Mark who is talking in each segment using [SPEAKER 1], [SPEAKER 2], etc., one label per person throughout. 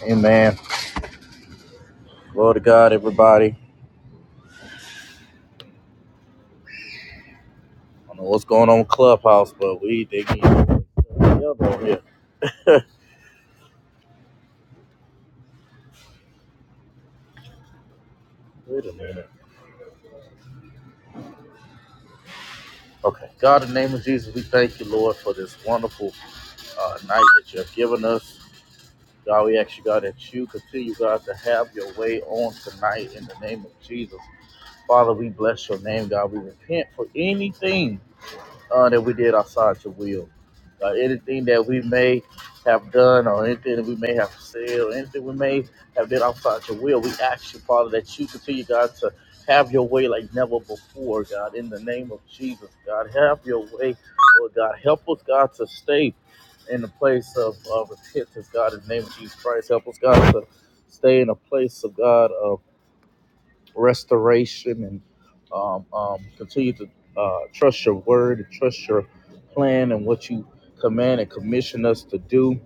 [SPEAKER 1] Hey man, glory to God, everybody. I don't know what's going on with Clubhouse, but we they getting over here. Wait a minute. Okay, God, in the name of Jesus, we thank you, Lord, for this wonderful uh, night that you have given us. God, we ask you, God, that you continue, God, to have your way on tonight in the name of Jesus. Father, we bless your name, God. We repent for anything uh, that we did outside your will. Uh, anything that we may have done or anything that we may have said or anything we may have done outside your will, we ask you, Father, that you continue, God, to have your way like never before, God, in the name of Jesus, God. Have your way, Lord God. Help us, God, to stay in the place of, of repentance, God, in the name of Jesus Christ. Help us, God, to stay in a place of God. of restoration and um, um, continue to uh, trust your word and trust your plan and what you command and commission us to do.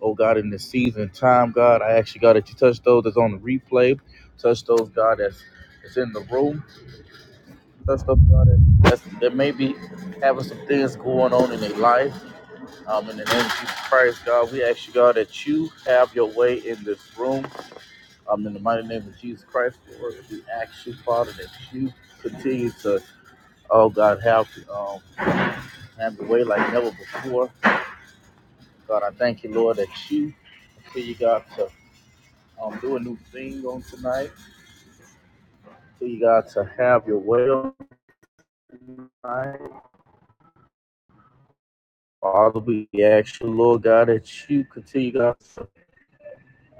[SPEAKER 1] Oh God, in this season and time, God, I ask you, God, that you touch those that's on the replay, touch those, God, that's, that's in the room, touch those, God, that, that's, that may be having some things going on in their life. Um, in the name of Jesus Christ, God, we ask you, God, that you have your way in this room. Um, in the mighty name of Jesus Christ, Lord, we ask you, Father, that you continue to, oh God, have um, have the way like never before. God, I thank you, Lord, that you continue, God, to um, do a new thing on tonight. Continue, God, to have your way on tonight. Father, we ask you, Lord God, that you continue, God, to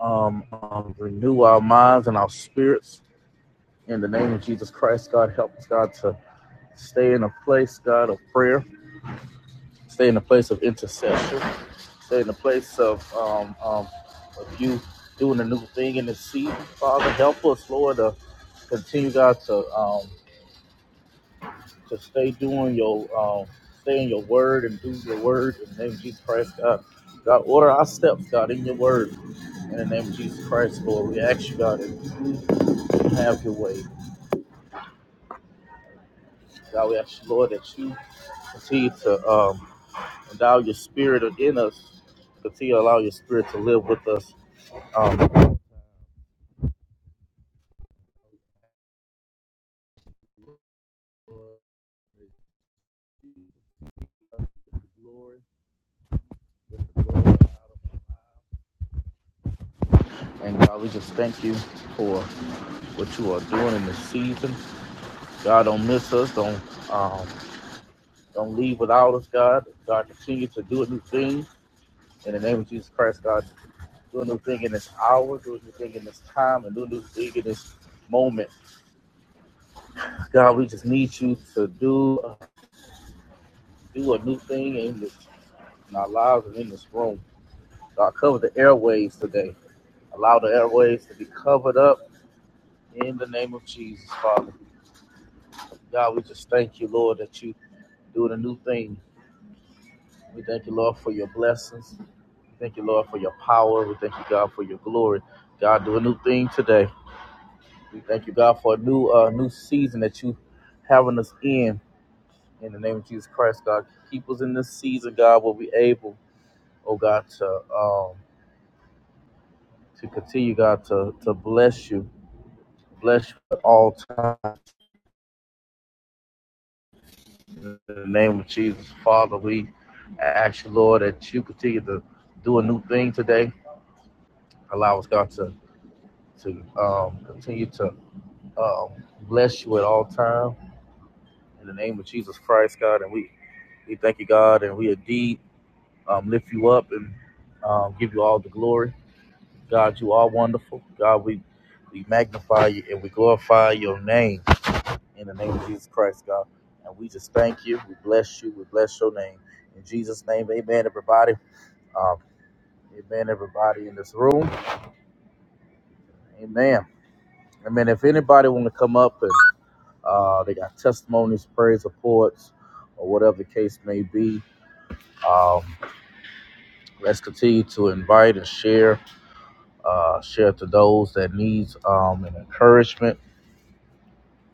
[SPEAKER 1] um, um, renew our minds and our spirits. In the name of Jesus Christ, God, help us, God, to stay in a place, God, of prayer, stay in a place of intercession. Say in the place of um, um, of you doing a new thing in the seat, Father, help us, Lord, to continue, God, to um, to stay doing your um, stay in your word and do your word in the name of Jesus Christ, God. God, order our steps, God, in your word. In the name of Jesus Christ, Lord, we ask you, God, to have your way. God, we ask you, Lord, that you continue to um, endow your spirit in us, continue to allow your spirit to live with us. Um, And God, we just thank you for what you are doing in this season. God, don't miss us. Don't um, don't leave without us, God. God, continue to do a new thing in the name of Jesus Christ, God. Do a new thing in this hour, do a new thing in this time, and do a new thing in this moment. God, we just need you to do uh, do a new thing in this in our lives and in this room. God, cover the airways today. Allow the airways to be covered up In the name of Jesus, Father. God, we just thank you, Lord, that you doing a new thing. We thank you, Lord, for your blessings. We thank you, Lord, for your power. We thank you, God, for your glory. God, do a new thing today. We thank you, God, for a new uh, new season that you having us in. In the name of Jesus Christ, God, keep us in this season, God, where we able, oh God, to um, to continue, God, to to bless you, bless you at all times. In the name of Jesus, Father, we ask you, Lord, that you continue to do a new thing today. Allow us, God, to to um, continue to um, bless you at all time. In the name of Jesus Christ, God, and we we thank you, God, and we indeed um, lift you up and um, give you all the glory. God, you are wonderful. God, we we magnify you and we glorify your name in the name of Jesus Christ, God. And we just thank you. We bless you. We bless your name. In Jesus' name, amen. Everybody. Um, amen, everybody in this room. Amen. Amen. If anybody want to come up and uh, they got testimonies, praise reports, or whatever the case may be, um, let's continue to invite and share, uh, share to those that needs um, an encouragement,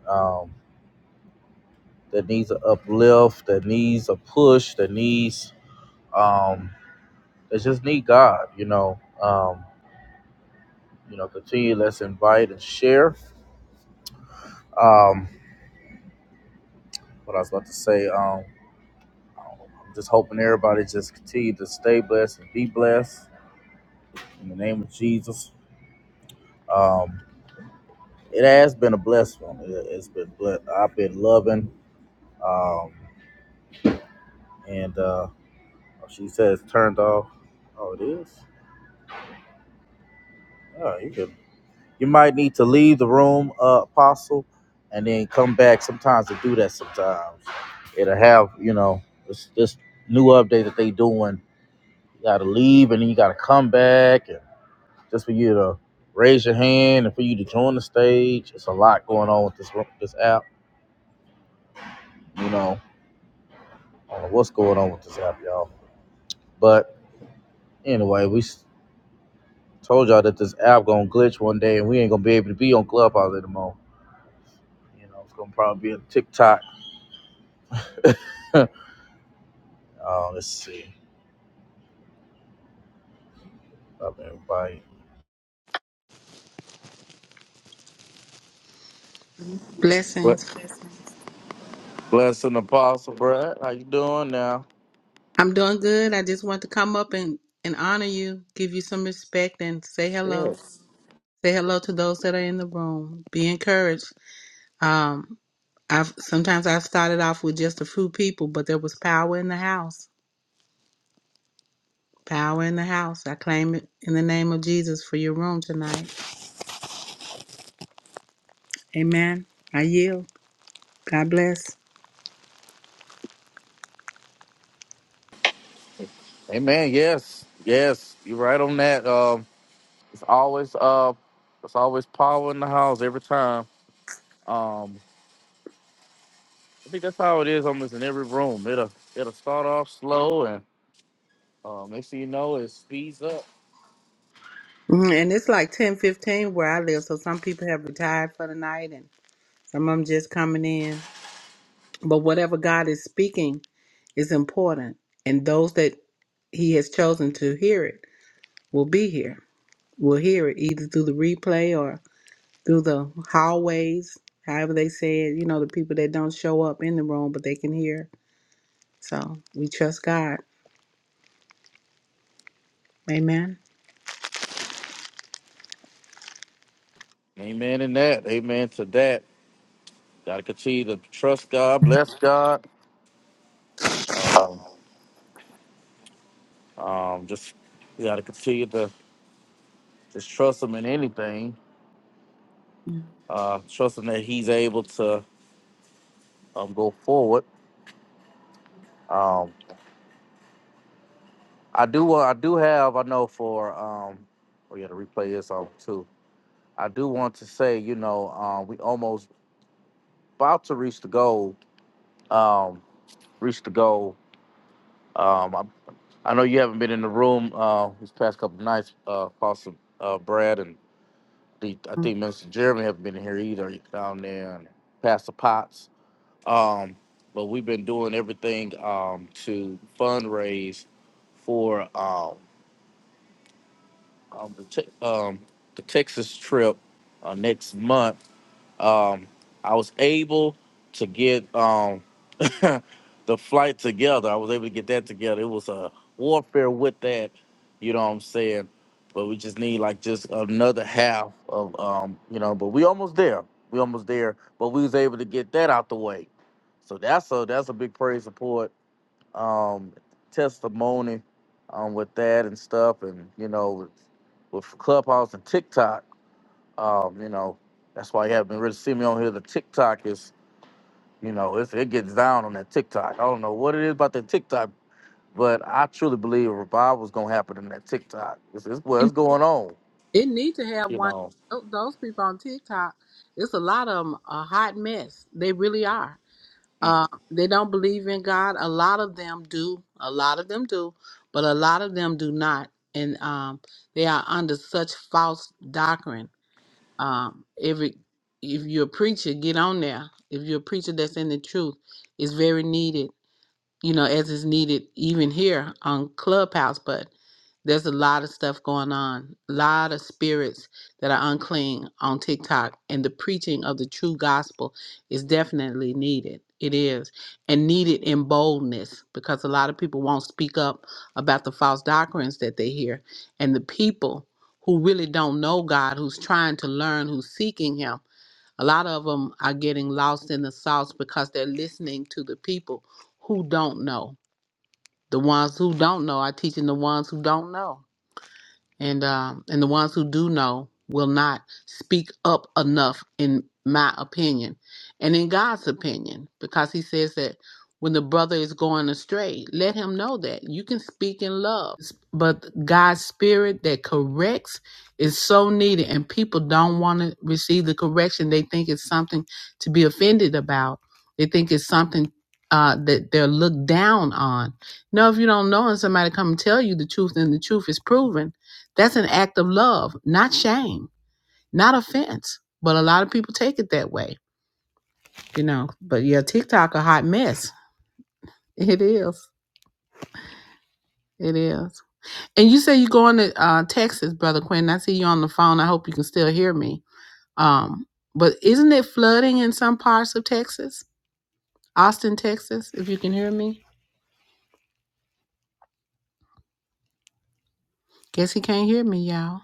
[SPEAKER 1] um, that needs an uplift, that needs a push, that needs um, that just need God. You know, um, you know, continue. Let's invite and share. Um, what I was about to say. um, I'm just hoping everybody just continue to stay blessed and be blessed in the name of Jesus. Um, it has been a blessed one. It, has been blessed. I've been loving. Um, and uh, she says turned off. Oh, it is. Oh, you can. You might need to leave the room, uh, Apostle, and then come back. Sometimes to do that. Sometimes it'll have you know this this new update that they doing. You got to leave and then you got to come back and just for you to raise your hand and for you to join the stage. It's a lot going on with this this app. You know, I don't know what's going on with this app, y'all. But anyway, we told y'all that this app gonna glitch one day, and we ain't gonna be able to be on Clubhouse anymore. You know, it's gonna probably be a TikTok. Oh, let's see. Up everybody. Ble-
[SPEAKER 2] Blessings.
[SPEAKER 1] Blessing Apostle Brad. How you doing now?
[SPEAKER 2] I'm doing good. I just want to come up and, and honor you, give you some respect, and say hello.
[SPEAKER 1] Yes.
[SPEAKER 2] Say hello to those that are in the room. Be encouraged. Um, I've sometimes I've started off with just a few people, but there was power in the house. Power in the house. I claim it in the name of Jesus for your room tonight. Amen. I yield. God bless.
[SPEAKER 1] Amen. Yes. Yes. You're right on that. Um, it's always uh, it's always power in the house every time. Um, I think that's how it is almost in every room. It'll it'll start off slow and um, next thing you know, it speeds up.
[SPEAKER 2] Mhm, And it's like ten fifteen where I live, so some people have retired for the night, and some of them just coming in. But whatever God is speaking. is important, and those that He has chosen to hear it will be here. Will hear it either through the replay or through the hallways, however they say it. You know, the people that don't show up in the room, but they can hear. So we trust God. Amen.
[SPEAKER 1] Amen in that. Amen to that. Gotta continue to trust God, bless God. Um, um, just you gotta continue to just trust Him in anything. Uh, trusting that He's able to um, go forward. Um, I do. Uh, I do have. I know for. Um, oh yeah, the replay is on too. I do want to say, you know, um, we almost about to reach the goal um, reached the goal. Um, I, I know you haven't been in the room uh, these past couple of nights, uh, Apostle uh, Brad and the, I
[SPEAKER 2] Mhm.
[SPEAKER 1] think Mr. Jeremy haven't been in here either down there and Pastor Potts. Um, but we've been doing everything um, to fundraise for um, um, the, te- um, the Texas trip uh, next month Um, I was able to get um, the flight together. I was able to get that together. It was a warfare with that, you know what I'm saying? But we just need like just another half of um, you know, but we almost there. We almost there. But we was able to get that out the way. So that's a that's a big praise support. Um testimony um with that and stuff and you know with, with Clubhouse and TikTok. Um, you know, that's why you haven't really seen me on here. The TikTok is, you know, it's, it gets down on that TikTok. I don't know what it is about that TikTok, but I truly believe a revival's gonna happen in that TikTok. It's, it's what's
[SPEAKER 2] It
[SPEAKER 1] going on,
[SPEAKER 2] it need to have
[SPEAKER 1] you
[SPEAKER 2] one.
[SPEAKER 1] know.
[SPEAKER 2] tho- Those people on TikTok, it's a lot of them a hot mess. They really are
[SPEAKER 1] Mm.
[SPEAKER 2] Uh, they don't believe in God. A lot of them do. A lot of them do, but a lot of them do not, and um, they are under such false doctrine. Um, every if you're a preacher, get on there. If you're a preacher that's in the truth, it's very needed you know, as is needed even here on Clubhouse, but there's a lot of stuff going on. A lot of spirits that are unclean on TikTok, and the preaching of the true gospel is definitely needed. It is, and needed in boldness because a lot of people won't speak up about the false doctrines that they hear. And the people who really don't know God, who's trying to learn, who's seeking Him, a lot of them are getting lost in the sauce because they're listening to the people who don't know. The ones who don't know are teaching the ones who don't know and um, and the ones who do know will not speak up enough, in my opinion, and in God's opinion, because He says that when the brother is going astray, let him know that you can speak in love, but God's spirit that corrects is so needed, and people don't want to receive the correction. They think it's something to be offended about. They think it's something. Uh, that they're looked down on. No, if you don't know and somebody come and tell you the truth and the truth is proven, that's an act of love, not shame, not offense. But a lot of people take it that way, you know. But yeah, TikTok a hot mess. It is. It is. And you say you're going to uh, Texas, brother Quinn. I see you on the phone. I hope you can still hear me. Um, but isn't it flooding in some parts of Texas? Austin, Texas. If you can hear me, guess he can't hear me, y'all.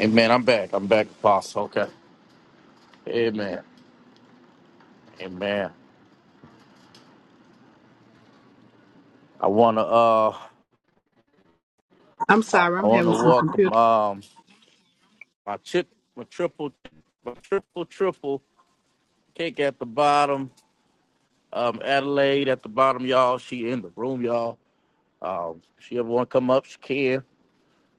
[SPEAKER 1] Amen. I'm back. I'm back, Apostle. Okay. Amen. Amen. I wanna uh,
[SPEAKER 2] I'm
[SPEAKER 1] I
[SPEAKER 2] sorry, I'm
[SPEAKER 1] wanna
[SPEAKER 2] having some
[SPEAKER 1] welcome
[SPEAKER 2] computer.
[SPEAKER 1] um my chip, my triple, my triple triple cake at the bottom. Um, Adelaide at the bottom, y'all. She in the room, y'all. Um, if she ever want to come up, she can.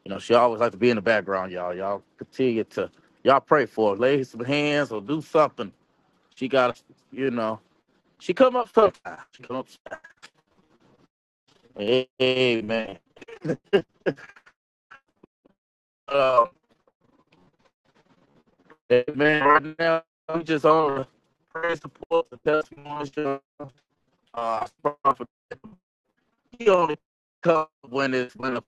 [SPEAKER 1] You know, she always like to be in the background, y'all. Y'all continue to y'all pray for her, lay some hands or do something. She got, to, you know, she come up sometimes. She come up. sometime. Amen. Uh, amen. Right now, we just on the prayer support, the testimonies. y'all. Uh, I for he only come when it's when the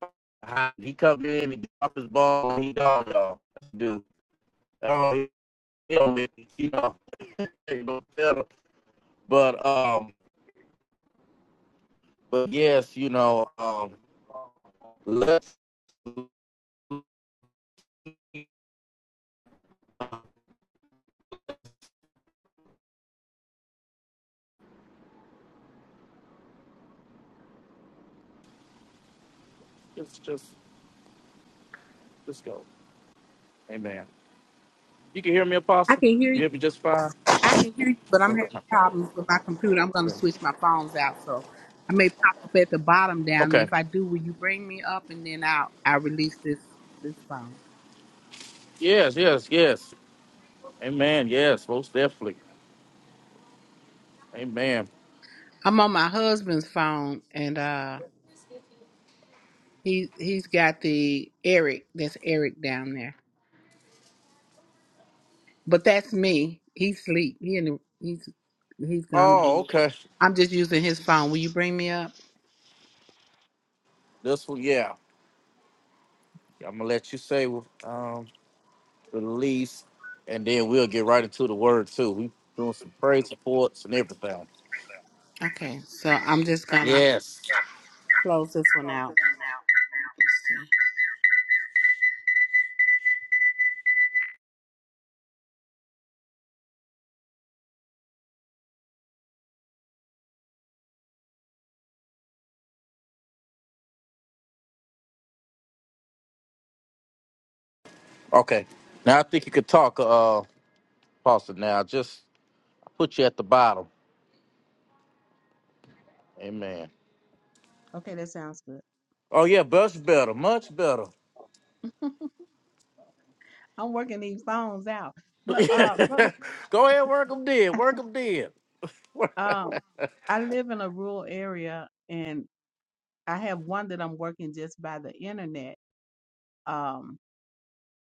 [SPEAKER 1] he come in, he drop his ball, he dog y'all. That's what Do. you know, But um, but yes, you know, um, let's let's just let's go. Amen. You can hear me,
[SPEAKER 2] I
[SPEAKER 1] Apostle.
[SPEAKER 2] can hear
[SPEAKER 1] You
[SPEAKER 2] you.
[SPEAKER 1] hear me just fine.
[SPEAKER 2] I can hear you, but I'm having problems with my computer. I'm going to switch my phones out, so I may pop up at the bottom down there.
[SPEAKER 1] Okay.
[SPEAKER 2] If I do, will you bring me up and then I'll I release this this phone.
[SPEAKER 1] Yes, yes, yes. Amen. Yes, most definitely. Amen.
[SPEAKER 2] I'm on my husband's phone, and uh, he he's got the Eric. That's Eric down there, but that's me. He's asleep. He in the, he's he's gone to
[SPEAKER 1] Oh,
[SPEAKER 2] be.
[SPEAKER 1] okay.
[SPEAKER 2] I'm just using his phone. Will you bring me up?
[SPEAKER 1] This one, yeah. I'm gonna let you say um release, and then we'll get right into the word too. We doing some praise reports and everything.
[SPEAKER 2] Okay, so I'm just gonna
[SPEAKER 1] Yes.
[SPEAKER 2] close this one out.
[SPEAKER 1] Okay. Now I think you could talk, uh, Pastor. Now just put you at the bottom. Amen.
[SPEAKER 3] Okay, that sounds good.
[SPEAKER 1] Oh yeah, much better, much better.
[SPEAKER 3] I'm working these phones out. But uh brother,
[SPEAKER 1] Go ahead, work them dead, work them dead. Work-
[SPEAKER 3] um I live in a rural area and I have one that I'm working just by the internet. Um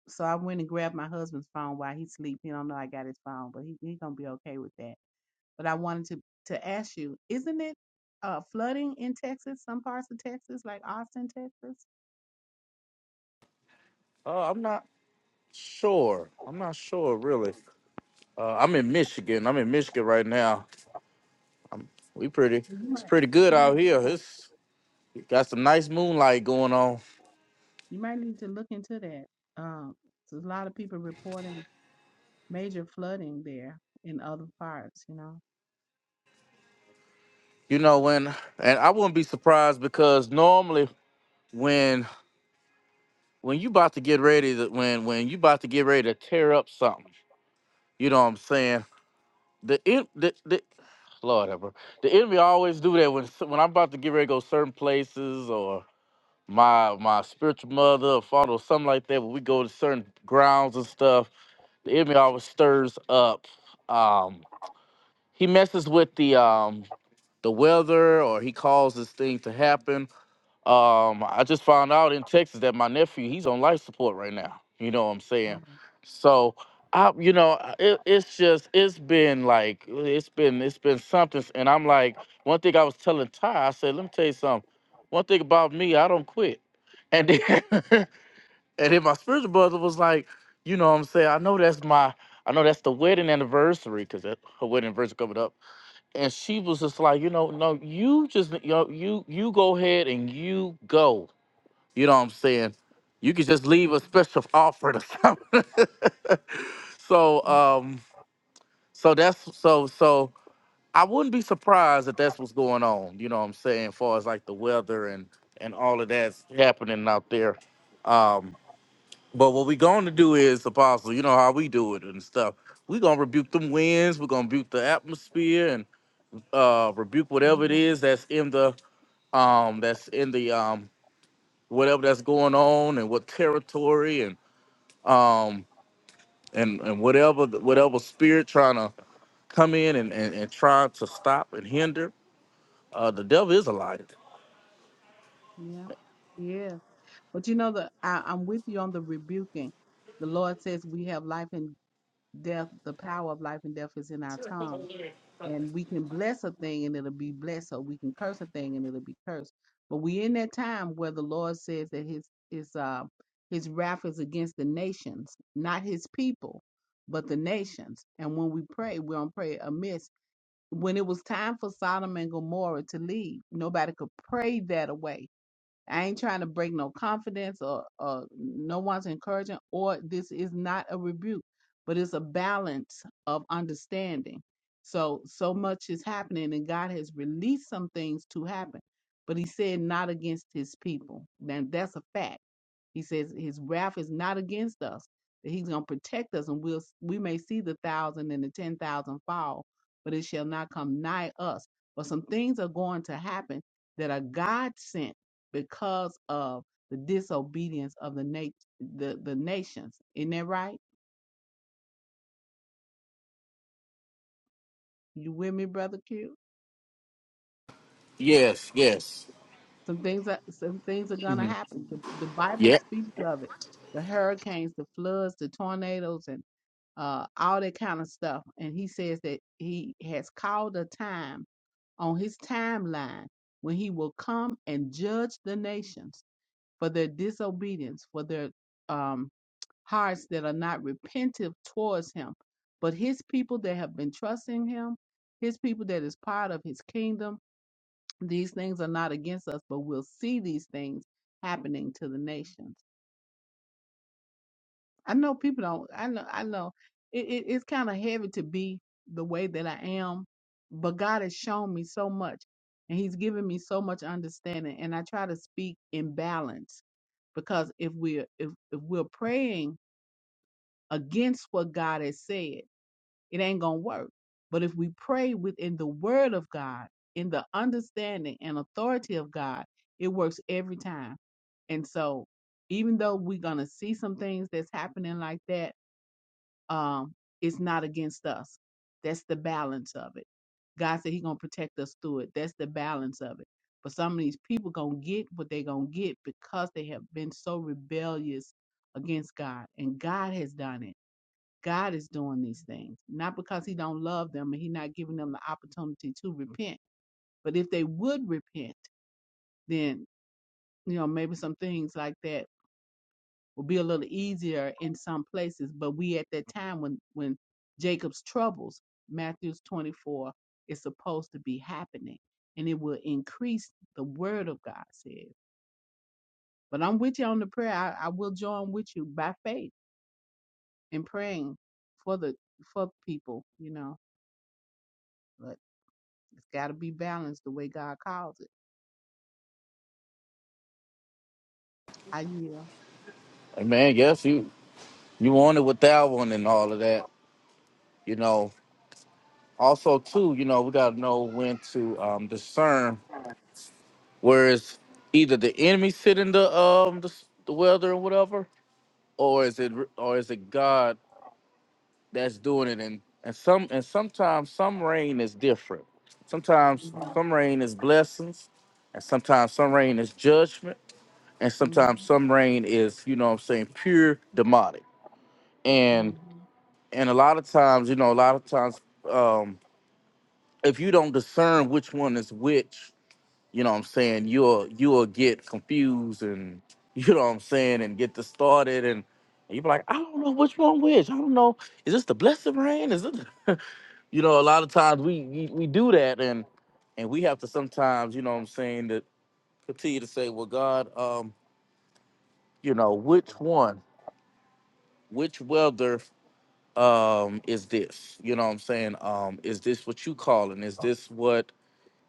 [SPEAKER 3] so I went and grabbed my husband's phone while he sleep. He don't know I got his phone, but he he gonna be okay with that. But I wanted to to ask you, isn't it uh flooding in Texas, some parts of Texas, like Austin, Texas?
[SPEAKER 1] Uh, I'm not sure. I'm not sure really. Uh, I'm in Michigan. I'm in Michigan right now. We pretty.
[SPEAKER 3] You
[SPEAKER 1] It's
[SPEAKER 3] might
[SPEAKER 1] pretty good
[SPEAKER 3] you
[SPEAKER 1] out
[SPEAKER 3] might
[SPEAKER 1] here. It's got some nice moonlight going on.
[SPEAKER 3] you might need to look into that. Um, there's a lot of people reporting major flooding there in other parts, you know.
[SPEAKER 1] You know when, and I wouldn't be surprised because normally when when you about to get ready to when when you about to get ready to tear up something, you know what I'm saying? The en- the, the Lord ever the enemy always do that when s- when I'm about to get ready to go certain places or my my spiritual mother or father or something like that. When we go to certain grounds and stuff, the enemy always stirs up. Um, he messes with the um the weather or he causes things to happen um, I just found out in Texas that my nephew he's on life support right now. You know what I'm saying?
[SPEAKER 3] Wow.
[SPEAKER 1] So I, you know, I- it, it's just it's been like it's been it's been something. And I'm like, one thing I was telling Ty, I said, let me tell you something. One thing about me, I don't quit. And then and then my spiritual brother was like, you know what I'm saying? I know that's my I know that's the wedding anniversary because her wedding anniversary coming up and she was just like, you know, no, you just you know, you you go ahead and you go you know what I'm saying? You could just leave a special offering or something. so
[SPEAKER 3] Mm,
[SPEAKER 1] um so that's so so I wouldn't be surprised if that's what's going on, you know what I'm saying, as far as like the weather and and all of that's happening out there. Um but what we're going to do is apostle, you know how we do it and stuff. We're gonna rebuke them winds, we're gonna rebuke the atmosphere and uh rebuke whatever it
[SPEAKER 3] Amen.
[SPEAKER 1] is that's in the um that's in the um whatever that's going on and what territory and. um and and whatever whatever spirit trying to come in and and, and try to stop and hinder uh the devil is a liar
[SPEAKER 3] Yeah. Yeah. But you know the I, I'm with you on the rebuking. The Lord says we have life and death, the power of life and death is in our tongue. And we can bless a thing and it'll be blessed, or we can curse a thing and it'll be cursed. But we in that time where the Lord says that his his uh his wrath is against the nations, not his people, but the nations. And when we pray, we don't pray amiss when it was time for Sodom and Gomorrah to leave, nobody could pray that away. I ain't trying to break no confidence or, or no one's encouraging, or this is not a rebuke, but it's a balance of understanding. So, so much is happening, and God has released some things to happen, but He said, not against His people. Now, that's a fact he says his wrath is not against us, that he's going to protect us, and we'll we may see the thousand and the ten thousand fall, but it shall not come nigh us. But some things are going to happen that are God sent because of the disobedience of the nat- the the nations. Isn't that right? You with me, brother Q?
[SPEAKER 1] yes yes
[SPEAKER 3] Some things are some things are gonna
[SPEAKER 1] hmm
[SPEAKER 3] happen. The, the Bible
[SPEAKER 1] yeah
[SPEAKER 3] speaks of it. The hurricanes, the floods, the tornadoes, and uh, all that kind of stuff. And he says that he has called a time on his timeline when he will come and judge the nations for their disobedience, for their um, hearts that are not repentive towards him. But his people that have been trusting him, his people that is part of his kingdom, these things are not against us, but we'll see these things happening to the nations. I know people don't. I know. I know. It, it, it's kind of heavy to be the way that I am, but God has shown me so much, and He's given me so much understanding. And I try to speak in balance because if we're if if we're praying against what God has said, it ain't gonna work. But if we pray within the Word of God, in the understanding and authority of God, it works every time. And so, even though we're gonna see some things that's happening like that um, it's not against us. That's the balance of it. God said He gonna protect us through it. That's the balance of it. But some of these people gonna get what they gonna get because they have been so rebellious against God, and God has done it. God is doing these things not because He don't love them and He not giving them the opportunity to repent, but if they would repent, then you know maybe some things like that will be a little easier in some places. But we at that time when when Jacob's troubles, Matthew's 24, is supposed to be happening, and it will increase. The Word of God says. But I'm with you on the prayer. I, I will join with you by faith in praying for the for people. You know, but it's got to be balanced the way God calls it. I yield.
[SPEAKER 1] and man yes you you wanted with that one and all of that you know also too you know we got to know when to um discern where is either the enemy sitting the um the, s- the weather or whatever or is it or is it god that's doing it and and some and sometimes some rain is different sometimes
[SPEAKER 3] hmm
[SPEAKER 1] some rain is blessings and sometimes some rain is judgment and sometimes some rain is you know what i'm saying pure demonic
[SPEAKER 3] hmm
[SPEAKER 1] and and a lot of times you know a lot of times um if you don't discern which one is which you know what i'm saying you'll you'll get confused and you know what i'm saying and get distorted and you be like i don't know which one which i don't know is this the blessed rain is it you know, a lot of times we, we we do that and and we have to sometimes, you know what I'm saying, to continue to say, well, God, um, you know, which one, which welder um is this? You know what I'm saying? Um, is this what you calling? Is this what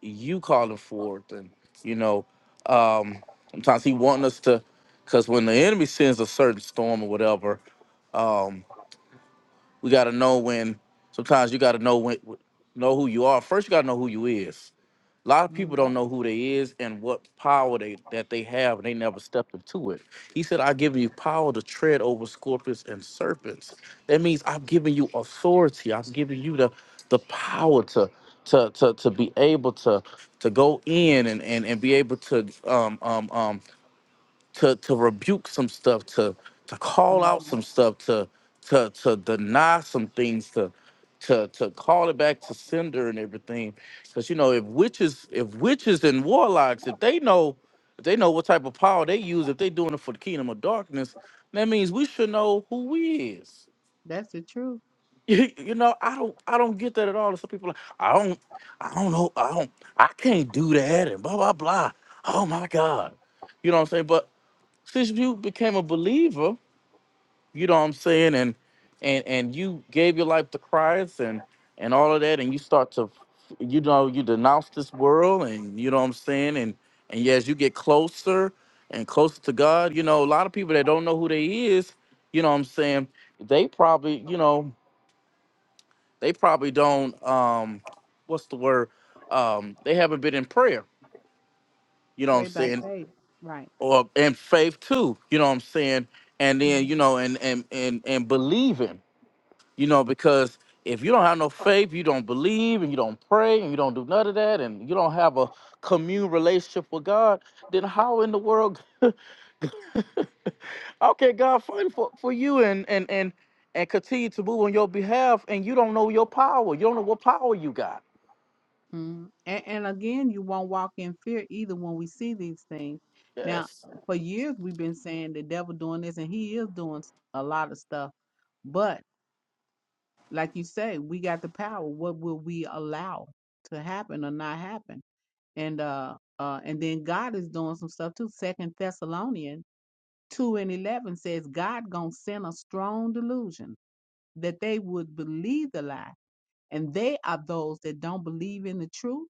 [SPEAKER 1] you calling for? And you know, um sometimes he want us to cause when the enemy sends a certain storm or whatever, um, we gotta know when sometimes you gotta know when know who you are. First you gotta know who you is A lot of
[SPEAKER 3] hmm
[SPEAKER 1] people don't know who they is and what power they that they have, and they never stepped into it. He said, "I give you power to tread over scorpions and serpents." That means I've given you authority. I've given you the the power to to to, to be able to to go in and and, and be able to um um um to to rebuke some stuff, to to call out some stuff, to to to deny some things, to to to call it back to sender and everything. Because you know, if witches, if witches and warlocks, if they know, if they know what type of power they use, if they doing it for the kingdom of darkness, that means we should know who we is.
[SPEAKER 3] That's the truth.
[SPEAKER 1] You know, I don't, I don't get that at all. Some people, are like, I don't, I don't know, I don't, I can't do that, and blah blah blah. Oh my God, you know what I'm saying? But since you became a believer, you know what I'm saying, and and and you gave your life to Christ and and all of that, and you start to, you know, you denounce this world, and you know what I'm saying, and and yeah, as you get closer and closer to God, you know, a lot of people that don't know who they is, you know what I'm saying, they probably, you know, they probably don't, um, what's the word, um, they haven't been in prayer, you know what I'm
[SPEAKER 3] Pray by
[SPEAKER 1] saying,
[SPEAKER 3] faith. Right.
[SPEAKER 1] or and faith too you know what i'm saying and then
[SPEAKER 3] Mm-hmm.
[SPEAKER 1] you know and and and, and believing you know because if you don't have no faith you don't believe and you don't pray and you don't do none of that and you don't have a commune relationship with god then how in the world how can god fight for, for you and and and and continue to move on your behalf and you don't know your power you don't know what power you got
[SPEAKER 3] Mm. And, and again, you won't walk in fear either when we see these things. Now,
[SPEAKER 1] yes
[SPEAKER 3] for years we've been saying the devil doing this, and he is doing s- a lot of stuff. But like you say, we got the power. What will we allow to happen or not happen? And uh, uh, and then God is doing some stuff too. Second Thessalonians two and eleven says God gonna send a strong delusion that they would believe the lie, and they are those that don't believe in the truth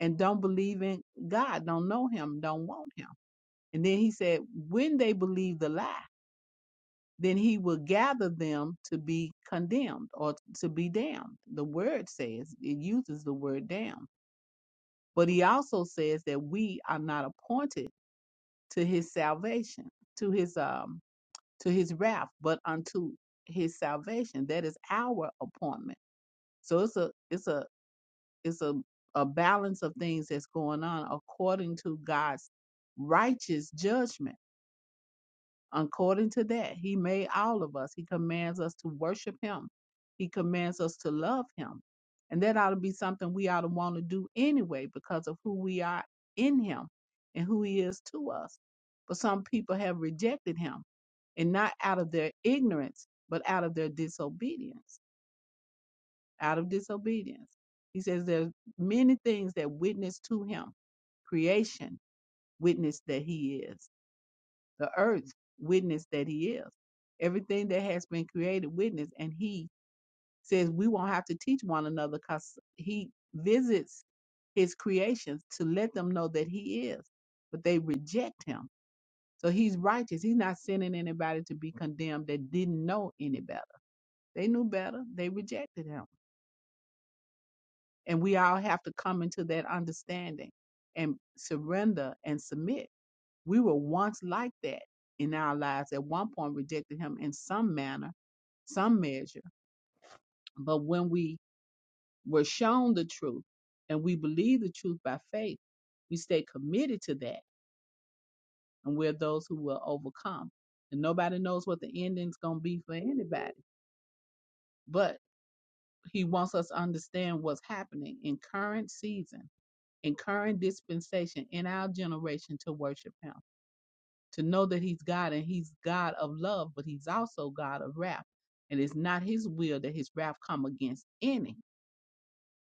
[SPEAKER 3] and don't believe in God, don't know him, don't want him. And then he said, when they believe the lie, then he will gather them to be condemned or to be damned. The word says, it uses the word damned. But he also says that we are not appointed to his salvation, to his um to his wrath, but unto his salvation. That is our appointment. So it's a it's a it's a, a balance of things that's going on according to God's righteous judgment. According to that, He made all of us. He commands us to worship Him. He commands us to love Him. And that ought to be something we ought to want to do anyway because of who we are in Him and who He is to us. But some people have rejected Him and not out of their ignorance, but out of their disobedience out of disobedience. He says there's many things that witness to him. Creation witness that he is. The earth witness that he is. Everything that has been created witness. And he says we won't have to teach one another because he visits his creations to let them know that he is. But they reject him. So he's righteous. He's not sending anybody to be condemned that didn't know any better. They knew better. They rejected him. And we all have to come into that understanding and surrender and submit. We were once like that in our lives, at one point rejected him in some manner, some measure. But when we were shown the truth and we believe the truth by faith, we stay committed to that. And we're those who will overcome. And nobody knows what the ending's going to be for anybody. But he wants us to understand what's happening in current season in current dispensation in our generation to worship him, to know that he's God and he's God of love, but he's also God of wrath. And it's not his will that his wrath come against any,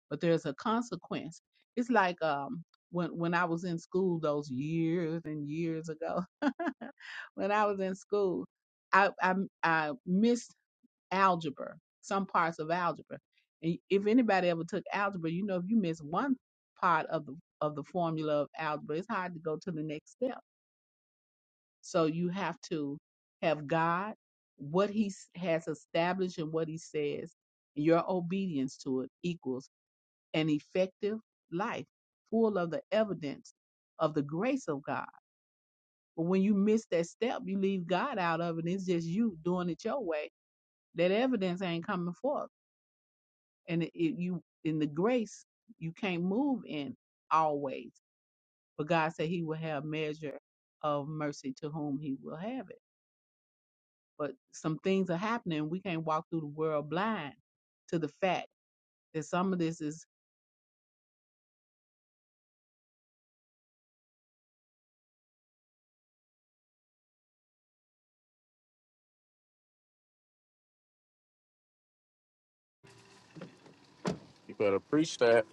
[SPEAKER 3] but there's a consequence. It's like um when when I was in school those years and years ago, when I was in school, I I, I missed algebra, some parts of algebra. And if anybody ever took algebra, you know if you miss one part of the of the formula of algebra, it's hard to go to the next step. So you have to have God, what He s- has established and what He says, your obedience to it equals an effective life, full of the evidence of the grace of God. But when you miss that step, you leave God out of it. It's just you doing it your way. That evidence ain't coming forth and it, it- you in the grace you can't move in always but god said he will have measure of mercy to whom he will have it but some things are happening we can't walk through the world blind to the fact that some of this is
[SPEAKER 1] you better preach that